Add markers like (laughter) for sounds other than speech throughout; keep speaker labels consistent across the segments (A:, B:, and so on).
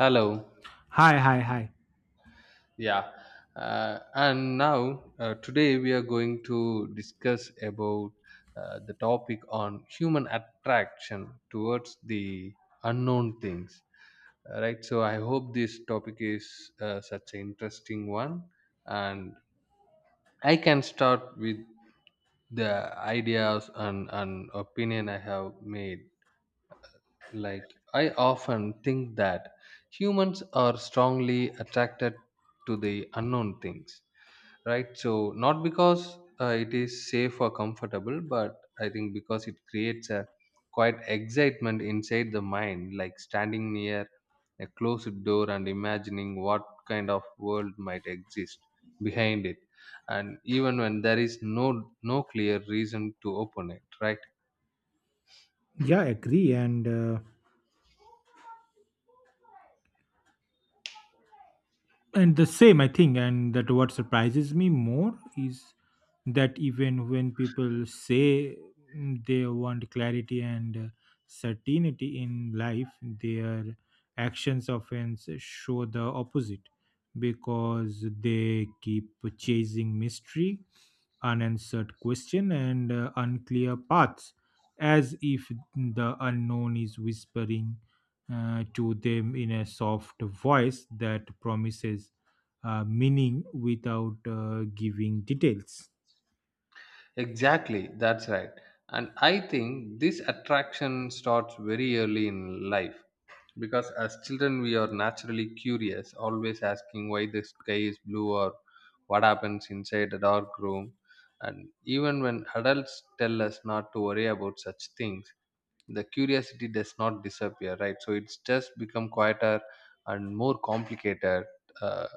A: Hello.
B: Hi.
A: Yeah. And now, today we are going to discuss about the topic on human attraction towards the unknown things. Right. So I hope this topic is such an interesting one, and I can start with the ideas and opinion I have made. Like I often think that humans are strongly attracted to the unknown things, right? So not because it is safe or comfortable, but I think because it creates a quite excitement inside the mind, like standing near a closed door and imagining what kind of world might exist behind it, and even when there is no clear reason to open it, right?
B: Yeah, I agree, and and the same I think, and that what surprises me more is that even when people say they want clarity and certainty in life, their actions often show the opposite because they keep chasing mystery, unanswered question, and unclear paths, as if the unknown is whispering to them in a soft voice that promises meaning without giving details.
A: Exactly, that's right. And I think this attraction starts very early in life, because as children we are naturally curious, always asking why the sky is blue or what happens inside a dark room. And even when adults tell us not to worry about such things, the curiosity does not disappear, right? So it's just become quieter and more complicated uh,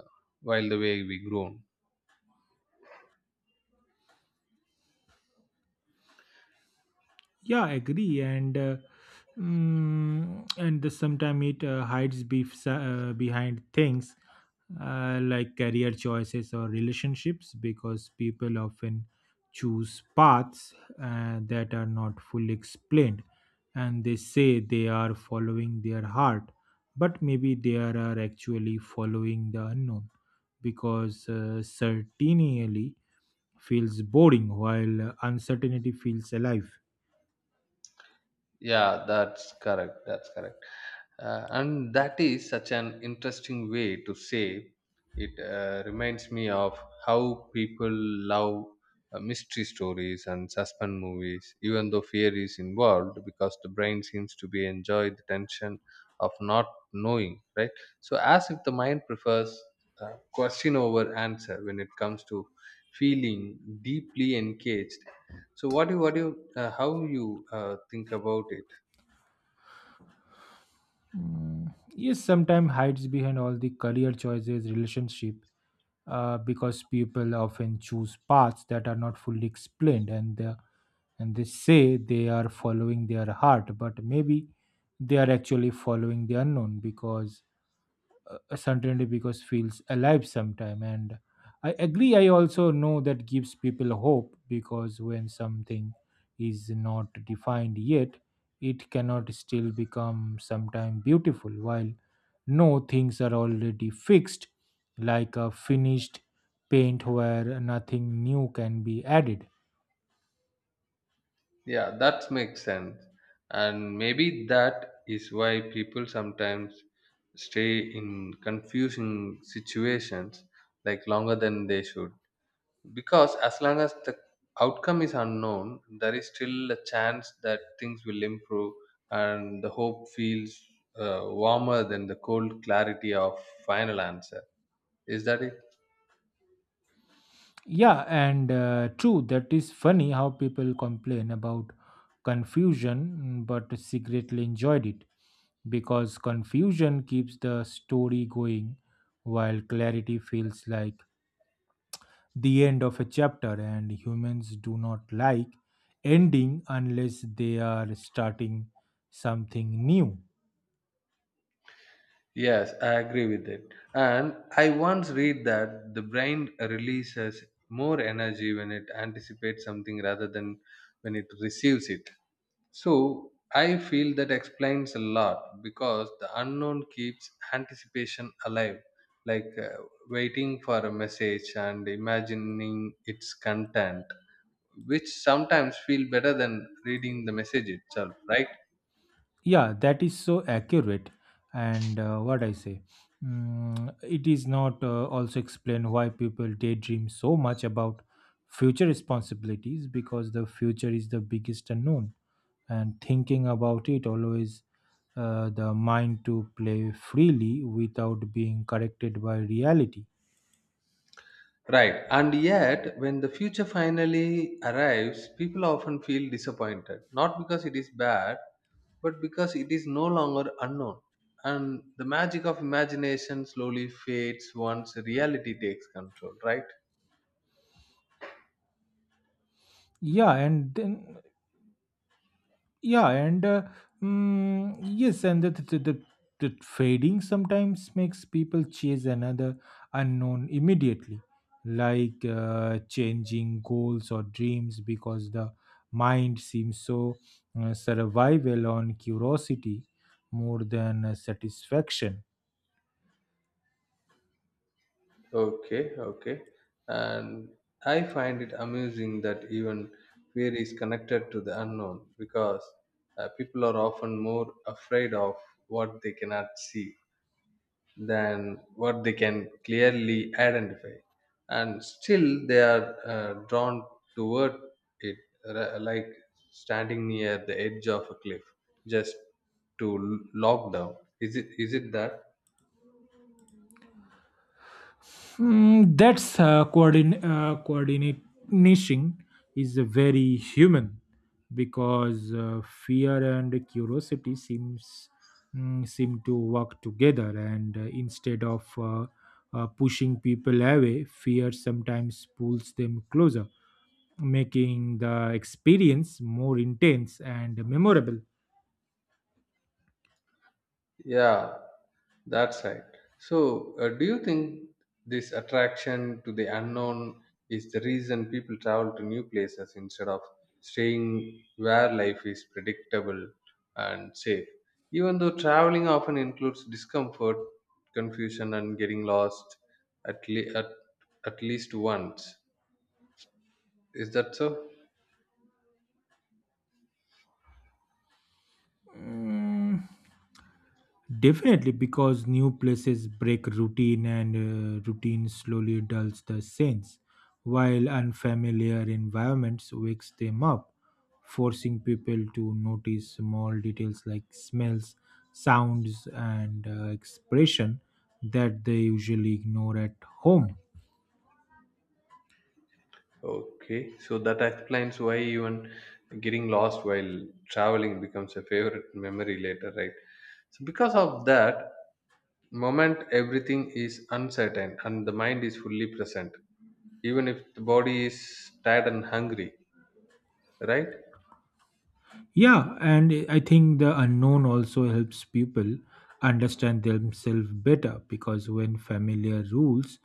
A: while the way we grown.
B: Yeah, I agree, and and the sometime it hides behind things like career choices or relationships because people often choose paths that are not fully explained, and they say they are following their heart, but maybe they are actually following the unknown because certainly feels boring while uncertainty feels alive.
A: Yeah, that's correct. That's correct. And that is such an interesting way to say it. Uh, reminds me of how people love mystery stories and suspense movies, even though fear is involved, because the brain seems to be enjoy the tension of not knowing, right? So, as if the mind prefers question over answer when it comes to feeling deeply engaged. So, what do you, how you think about it?
B: Mm, yes, sometimes hides behind all the career choices, relationship, because people often choose paths that are not fully explained, and they say they are following their heart, but maybe they are actually following the unknown because certainty because feels alive sometime. And I agree, I also know that gives people hope because when something is not defined yet, it cannot still become sometime beautiful while no things are already fixed, like a finished paint where nothing new can be added.
A: Yeah, that makes sense. And maybe that is why people sometimes stay in confusing situations like longer than they should. Because as long as the outcome is unknown, there is still a chance that things will improve and the hope feels warmer than the cold clarity of final answer. Is that it?
B: Yeah, and True, that is funny how people complain about confusion but secretly enjoyed it because confusion keeps the story going while clarity feels like the end of a chapter, and humans do not like ending unless they are starting something new.
A: Yes, I agree with it. And I once read that the brain releases more energy when it anticipates something rather than when it receives it. So I feel that explains a lot because the unknown keeps anticipation alive, like waiting for a message and imagining its content, which sometimes feel better than reading the message itself, right?
B: Yeah, that is so accurate. And what I say mm, It is not also explain why people daydream so much about future responsibilities because the future is the biggest unknown, and thinking about it always the mind to play freely without being corrected by reality.
A: Right. And yet, when the future finally arrives, people often feel disappointed, not because it is bad, but because it is no longer unknown. And the magic of imagination slowly fades once reality takes control, right?
B: Yeah and then Yeah, and mm, Yes, and the fading sometimes makes people chase another unknown immediately, like changing goals or dreams because the mind seems so survival on curiosity more than satisfaction.
A: Okay, okay. And I find it amusing that even fear is connected to the unknown because people are often more afraid of what they cannot see than what they can clearly identify, and still they are drawn toward it, like standing near the edge of a cliff just to lock down. Is it that?
B: That's coordination is very human because fear and curiosity seem to work together, and instead of pushing people away, fear sometimes pulls them closer, making the experience more intense and memorable.
A: Yeah, that's right. So, do you think this attraction to the unknown is the reason people travel to new places instead of staying where life is predictable and safe? Even though traveling often includes discomfort, confusion, and getting lost at, le- at, at least once. Is that so?
B: Mm, Definitely, because new places break routine, and routine slowly dulls the sense, while unfamiliar environments wakes them up, forcing people to notice small details like smells, sounds, and expression that they usually ignore at home.
A: Okay, so that explains why even getting lost while traveling becomes a favorite memory later, right? So, because of that moment, everything is uncertain and the mind is fully present, even if the body is tired and hungry, right?
B: Yeah, and I think the unknown also helps people understand themselves better because when familiar rules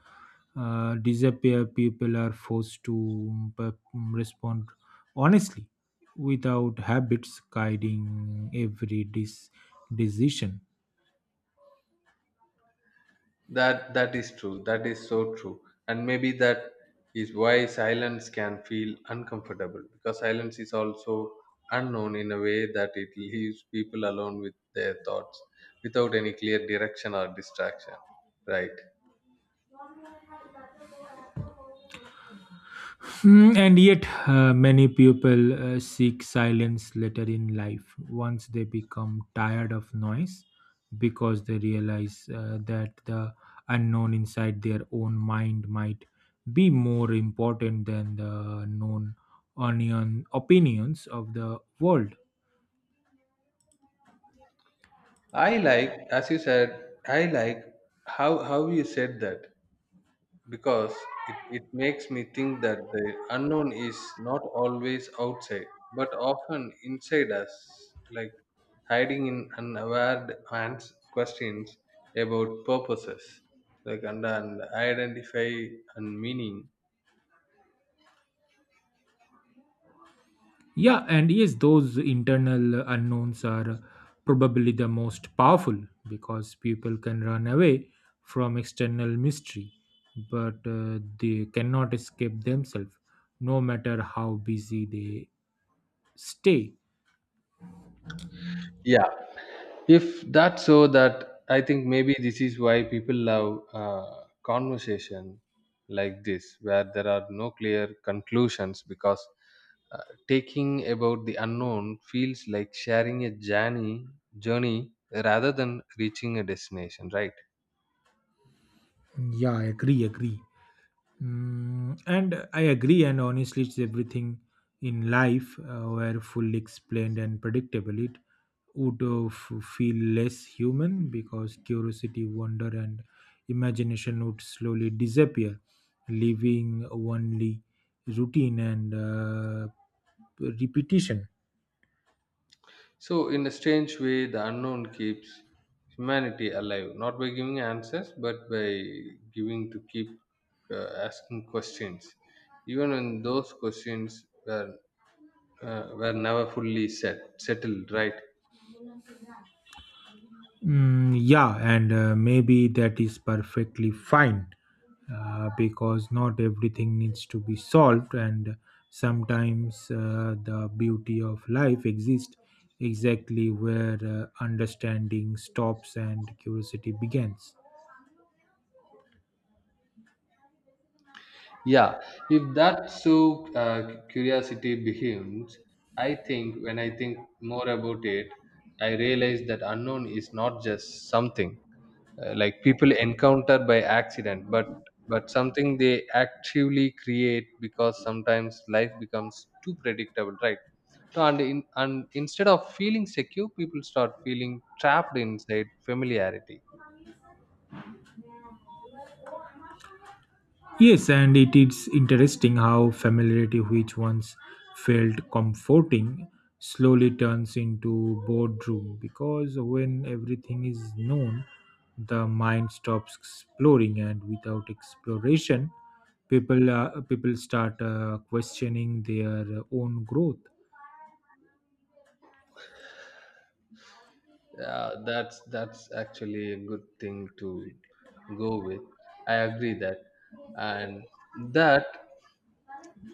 B: disappear, people are forced to respond honestly without habits guiding every decision.
A: That is true. That is so true. And maybe that is why silence can feel uncomfortable, because silence is also unknown in a way that it leaves people alone with their thoughts without any clear direction or distraction. Right.
B: And yet, many people seek silence later in life once they become tired of noise because they realize that the unknown inside their own mind might be more important than the known onion opinions of the world.
A: I like, as you said, I like how you said that, because it makes me think that the unknown is not always outside but often inside us, like hiding in unaware questions about purposes like and identify and meaning.
B: Yeah, and yes, those internal unknowns are probably the most powerful because people can run away from external mystery, but they cannot escape themselves, no matter how busy they stay.
A: If that's so, that I think maybe this is why people love conversation like this, where there are no clear conclusions, because uh, taking about the unknown feels like sharing a journey rather than reaching a destination, right?
B: Yeah, agree, agree. And I agree, and honestly, it's everything in life were fully explained and predictable. It would feel less human because curiosity, wonder, and imagination would slowly disappear, leaving only routine and repetition.
A: So, in a strange way, the unknown keeps humanity alive, not by giving answers, but by giving to keep asking questions, even when those questions were never fully settled, right?
B: Mm, yeah, and Maybe that is perfectly fine because not everything needs to be solved, and sometimes the beauty of life exists exactly where understanding stops and curiosity begins.
A: Yeah. If that so, curiosity becomes, I think when I think more about it, I realize that unknown is not just something like people encounter by accident, but something they actively create because sometimes life becomes too predictable, right? So and instead of feeling secure, people start feeling trapped inside familiarity.
B: Yes, and it is interesting how familiarity, which once felt comforting, slowly turns into boredom because when everything is known, the mind stops exploring, and without exploration, people start questioning their own growth.
A: Yeah, that's actually a good thing to go with. I agree that, and that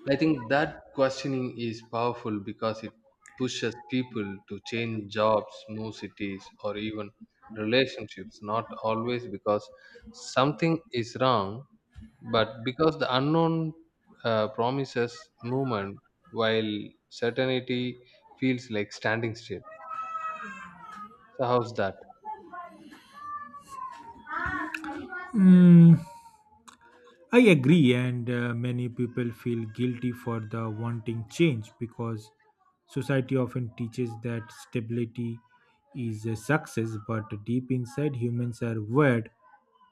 A: I think that questioning is powerful because it pushes people to change jobs, move cities, or even relationships. Not always because something is wrong, but because the unknown promises movement, while certainty feels like standing still. So how's that?
B: Mm, I agree, and many people feel guilty for the wanting change because society often teaches that stability is a success, but deep inside, humans are wired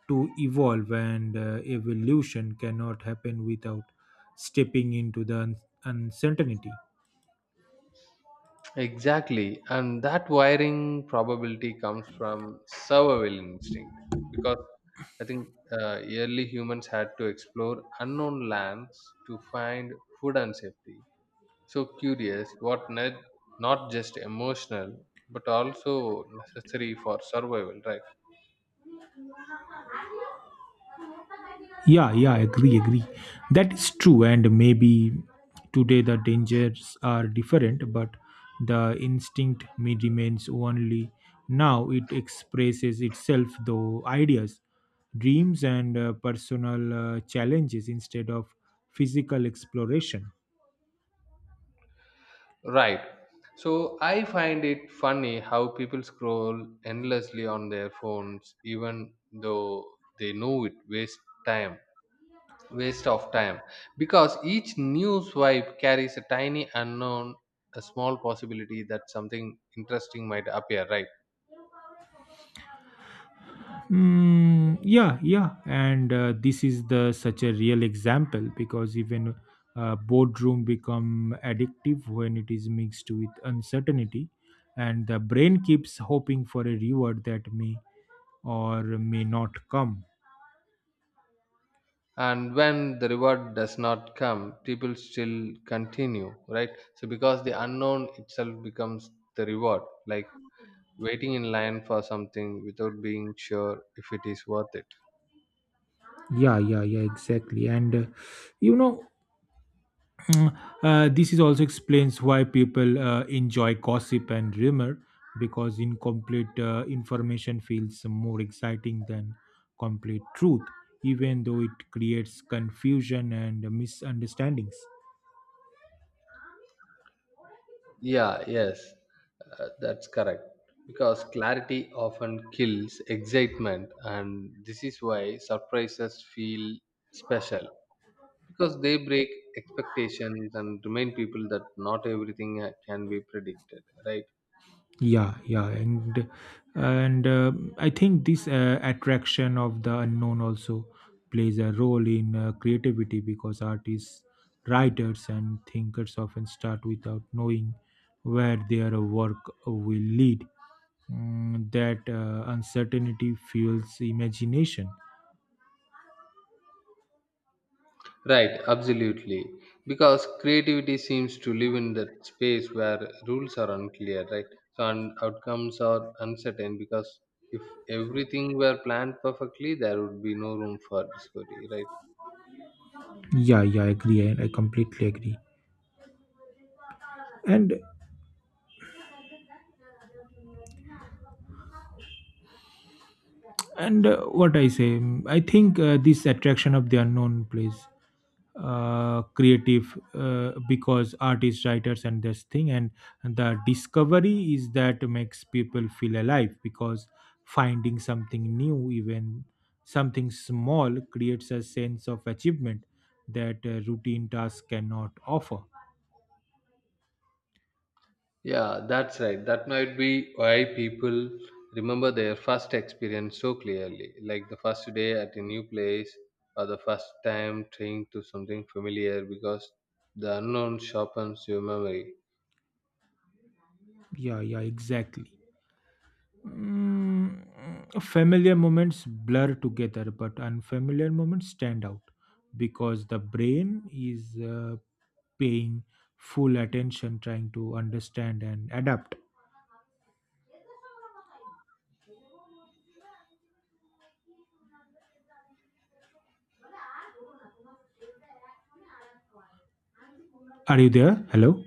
B: to evolve, and evolution cannot happen without stepping into the uncertainty.
A: Exactly. And that wiring probability comes from survival instinct because I think early humans had to explore unknown lands to find food and safety. So curious, what not, not just emotional, but also necessary for survival, right?
B: Agree. That is true, and maybe today the dangers are different, but the instinct may remains only. Now it expresses itself through ideas, dreams, and personal challenges instead of physical exploration.
A: Right. So I find it funny how people scroll endlessly on their phones, even though they know it wastes time. Waste of time, because each new swipe carries a tiny unknown, a small possibility that something interesting might appear, right?
B: Mm, yeah, yeah, and This is the such a real example because even boardroom become addictive when it is mixed with uncertainty, and the brain keeps hoping for a reward that may or may not come.
A: And when the reward does not come, people still continue, right? So because the unknown itself becomes the reward, like waiting in line for something without being sure if it is worth it.
B: Yeah, exactly. And you know, Mm, This is also explains why people enjoy gossip and rumor because incomplete information feels more exciting than complete truth, even though it creates confusion and misunderstandings.
A: Yeah, yes, that's correct. Because clarity often kills excitement, and this is why surprises feel special because they break expectations and remind people that not everything can be predicted, right?
B: Yeah yeah and I think this attraction of the unknown also plays a role in creativity because artists, writers and thinkers often start without knowing where their work will lead. That uncertainty fuels imagination.
A: Right, absolutely. Because creativity seems to live in that space where rules are unclear, right? So, and outcomes are uncertain because if everything were planned perfectly, there would be no room for discovery, right?
B: Yeah yeah i agree and I completely agree. And and uh, what i say mm, i think this attraction of the unknown plays creative because artists, writers and this thing, and the discovery is that makes people feel alive because finding something new, even something small, creates a sense of achievement that routine tasks cannot offer.
A: Yeah, that's right. That might be why people remember their first experience so clearly, like the first day at a new place or the first time trying to something familiar, because the unknown sharpens your memory.
B: Yeah yeah exactly Mm, Familiar moments blur together, but unfamiliar moments stand out because the brain is paying full attention, trying to understand and adapt. Are you there? Hello?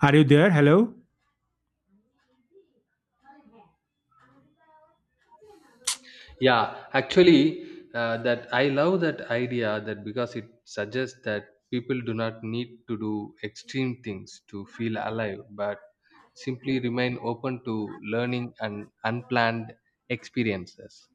B: Are you there? Hello?
A: Yeah, actually, that I love that idea that because it suggests that people do not need to do extreme things to feel alive, but simply remain open to learning and unplanned experiences.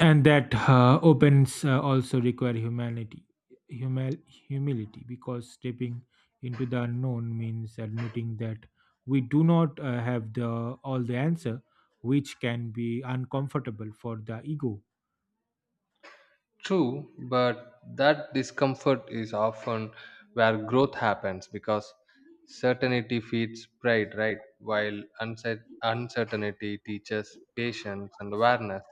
B: And that opens also require humanity, humil- humility, because stepping into the unknown means admitting that we do not have the all the answer, which can be uncomfortable for the ego.
A: True, but that discomfort is often where growth happens because certainty feeds pride, right? While uncertainty teaches patience and awareness.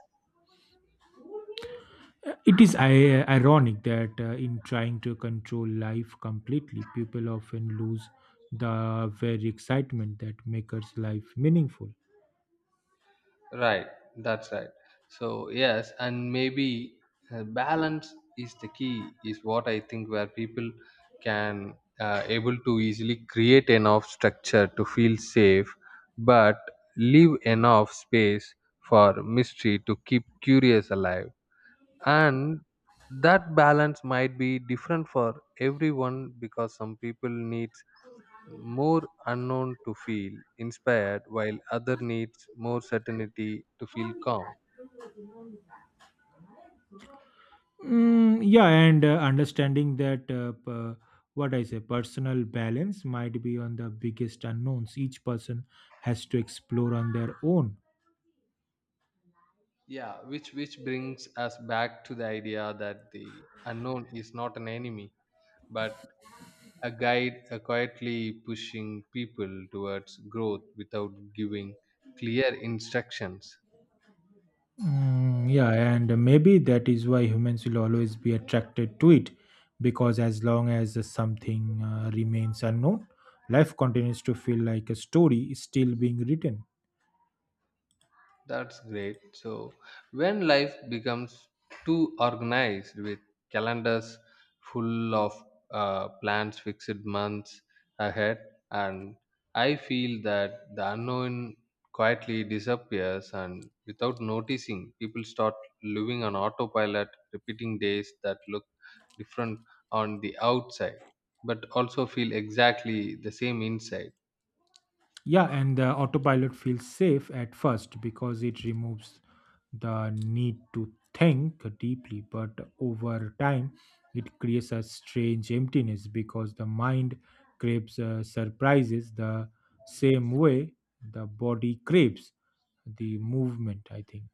B: It is ironic that in trying to control life completely, people often lose the very excitement that makes life meaningful.
A: Right, that's right. So yes, and maybe balance is the key. Is what I think where people can able to easily create enough structure to feel safe, but leave enough space for mystery to keep curious alive, and that balance might be different for everyone because some people need more unknown to feel inspired while other needs more certainty to feel calm.
B: Mm, yeah, and Understanding that personal balance might be on the biggest unknowns each person has to explore on their own.
A: Yeah, which brings us back to the idea that the unknown is not an enemy but a guide, quietly pushing people towards growth without giving clear instructions.
B: Yeah, and maybe that is why humans will always be attracted to it because as long as something remains unknown, life continues to feel like a story still being written.
A: That's great. So, when life becomes too organized with calendars full of plans, fixed months ahead, and I feel that the unknown quietly disappears, and without noticing, people start living on autopilot, repeating days that look different on the outside, but also feel exactly the same inside.
B: Yeah, and the autopilot feels safe at first because it removes the need to think deeply, but over time, it creates a strange emptiness because the mind craves surprises the same way the body craves the movement, I think.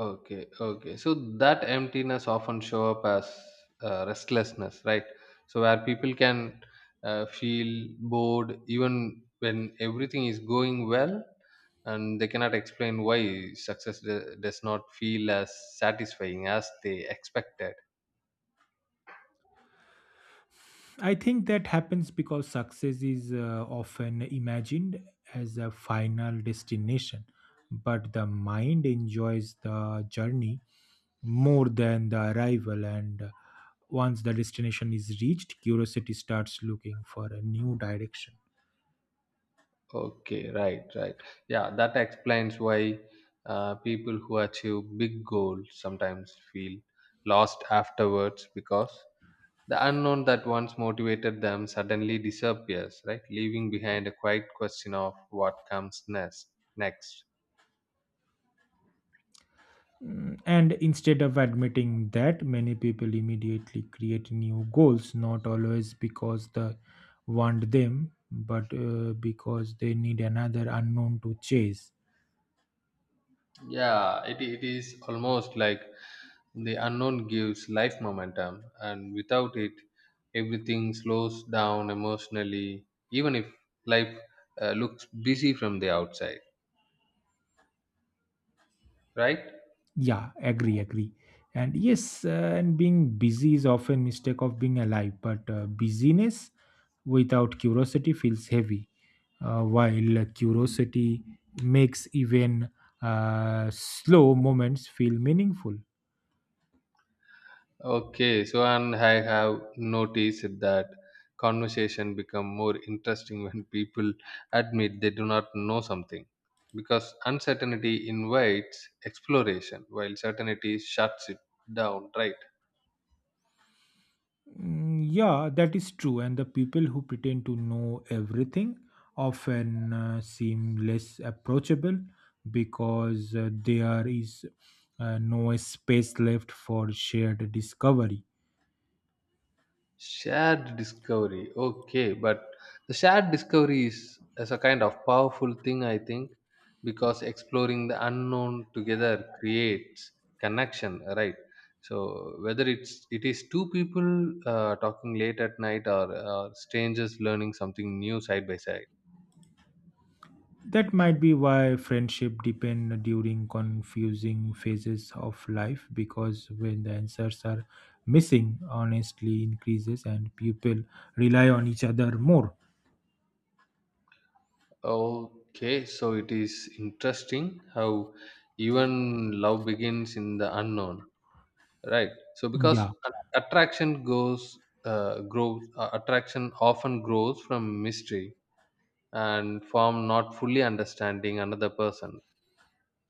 A: Okay, okay. So that emptiness often show up as restlessness, right? So where people can feel bored even when everything is going well, and they cannot explain why success does not feel as satisfying as they expected.
B: I think that happens because success is often imagined as a final destination, but the mind enjoys the journey more than the arrival, and once the destination is reached, curiosity starts looking for a new direction.
A: Okay, right, right. Yeah, that explains why people who achieve big goals sometimes feel lost afterwards because the unknown that once motivated them suddenly disappears, right? Leaving behind a quiet question of what comes next. Next.
B: And instead of admitting that, many people immediately create new goals, not always because they want them, but because they need another unknown to chase.
A: Yeah, it is almost like the unknown gives life momentum, and without it, everything slows down emotionally, even if life looks busy from the outside, right?
B: Agree. And yes, and being busy is often mistake of being alive, but busyness without curiosity feels heavy, while curiosity makes even slow moments feel meaningful.
A: Okay, so and I have noticed that conversation become more interesting (laughs) when people admit they do not know something, because uncertainty invites exploration while certainty shuts it down, right?
B: Yeah, that is true. And the people who pretend to know everything often seem less approachable because there is no space left for shared discovery.
A: Shared discovery. Okay, but the shared discovery is a kind of powerful thing, I think, because exploring the unknown together creates connection, right? So whether it is two people talking late at night or strangers learning something new side by side.
B: That might be why friendship depend during confusing phases of life, because when the answers are missing, honesty increases and people rely on each other more.
A: Okay, so it is interesting how even love begins in the unknown, right? So because
B: Yeah.
A: attraction goes grows. Attraction often grows from mystery and from not fully understanding another person.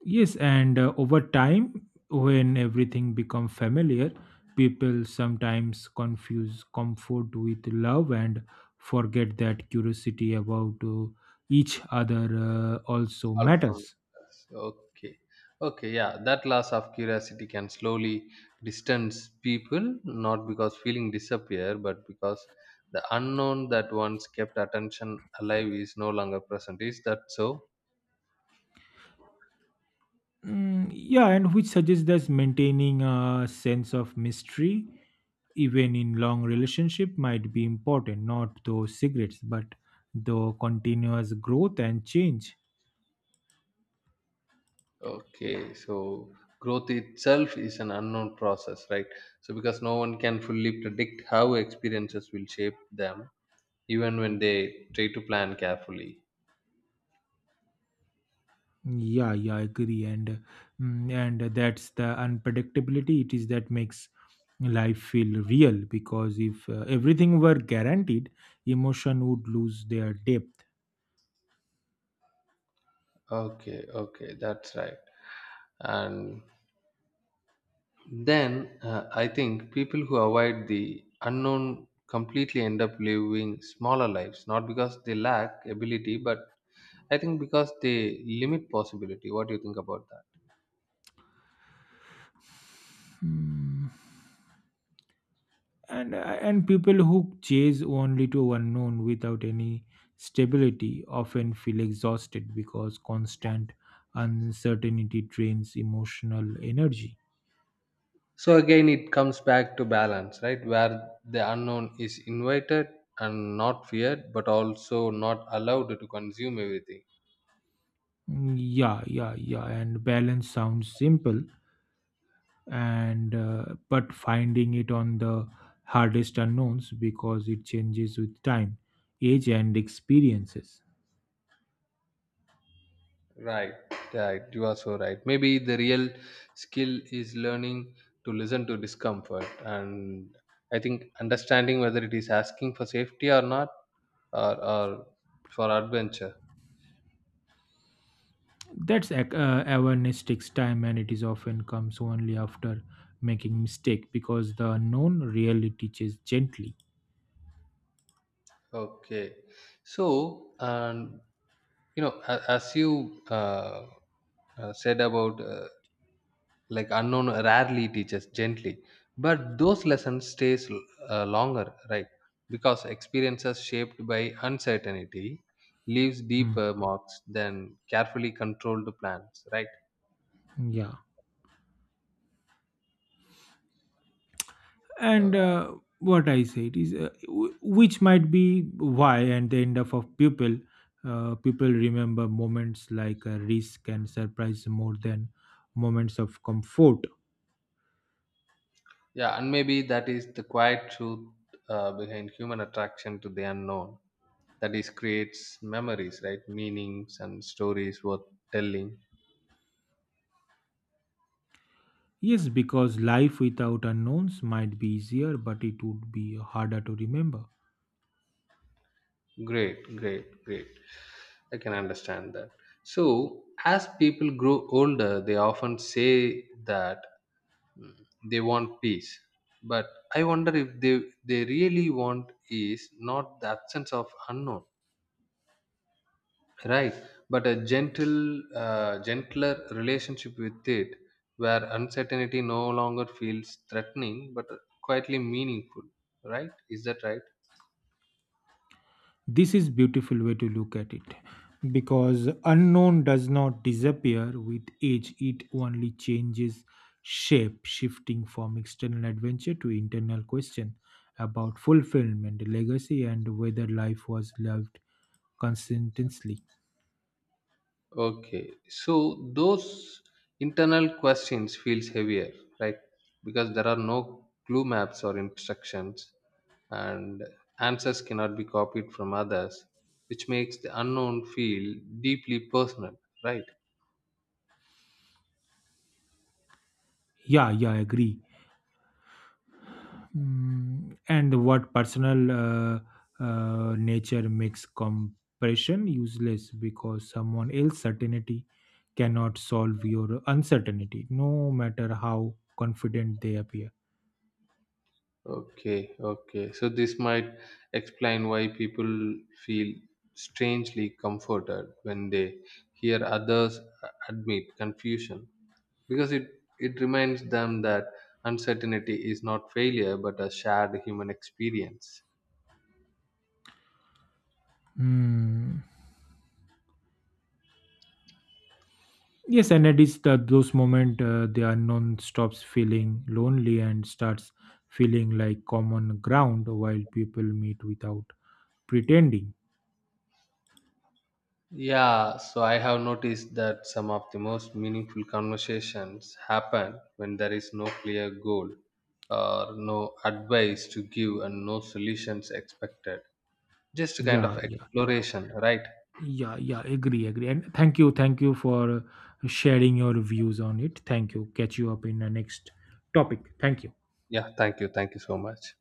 B: Yes, and over time, when everything become familiar, people sometimes confuse comfort with love and forget that curiosity about each other also matters.
A: Okay, okay, yeah, that loss of curiosity can slowly distance people, not because feeling disappear but because the unknown that once kept attention alive is no longer present. Is that so?
B: Yeah, and which suggests that maintaining a sense of mystery, even in long relationship, might be important. Not those cigarettes, but the continuous growth and change.
A: Okay, so growth itself is an unknown process, right? So, because no one can fully predict how experiences will shape them, even when they try to plan carefully.
B: Yeah, yeah, I agree, and mm, and that's the unpredictability. It is that makes life feel real because if everything were guaranteed, emotion would lose their depth.
A: Okay, okay, that's right. And then I think people who avoid the unknown completely end up living smaller lives, not because they lack ability, but I think because they limit possibility. What do you think about that?
B: Hmm. And and people who chase only to unknown without any stability often feel exhausted because constant uncertainty drains emotional energy.
A: So again, it comes back to balance, right? Where the unknown is invited and not feared, but also not allowed to consume everything.
B: Yeah and balance sounds simple, and but finding it on the hardest unknowns because it changes with time, age and experiences.
A: Right, right. You are so right. Maybe the real skill is learning to listen to discomfort, and I think understanding whether it is asking for safety or not, or for adventure.
B: Awareness takes time, and it is often comes only after making mistake because the known really teaches gently.
A: Okay. So, and you know, as you said about like unknown rarely teaches gently but those lessons stays longer, right? Because experiences shaped by uncertainty leaves
B: Hmm.
A: deeper marks than carefully controlled plans, right?
B: Yeah,
A: Uh,
B: and what I said is, w- which might be why, and the end of people, people remember moments like risk and surprise more than moments of comfort.
A: yeah and maybe that is the quiet truth behind human attraction to the unknown, that is creates memories, right, meanings and stories worth telling.
B: Yes, because life without unknowns might be easier, but it would be harder to remember.
A: Great, great, great. I can understand that. So, as people grow older, they often say that mm, they want peace. But I wonder if they really want is not the absence of unknown, right? But a gentler relationship with it, where uncertainty no longer feels threatening but quietly meaningful, right? Is that right?
B: This is beautiful way to look at it because unknown does not disappear with age, it only changes shape, shifting from external adventure to internal question about fulfillment, legacy and whether life was lived consistently.
A: Okay, so those internal questions feels heavier, right? Because there are no clue maps or instructions, and answers cannot be copied from others, which makes the unknown feel deeply personal, right?
B: Yeah yeah I agree Mm, and what personal nature makes compression useless because someone else's certainty cannot solve your uncertainty, no matter how confident they appear.
A: Okay, okay. So this might explain why people feel strangely comforted when they hear others admit confusion because it reminds them that uncertainty is not failure but a shared human experience.
B: Mm. Yes, and it is that those moment, the unknown stops feeling lonely and starts feeling like common ground while people meet without pretending.
A: Yeah, so I have noticed that some of the most meaningful conversations happen when there is no clear goal or no advice to give and no solutions expected, just a kind of
B: Yeah, yeah.
A: exploration, right?
B: Yeah, yeah, agree, agree. And thank you for sharing your views on it. Thank you. Catch you up in the next topic. Thank you.
A: Yeah, thank you, thank you so much.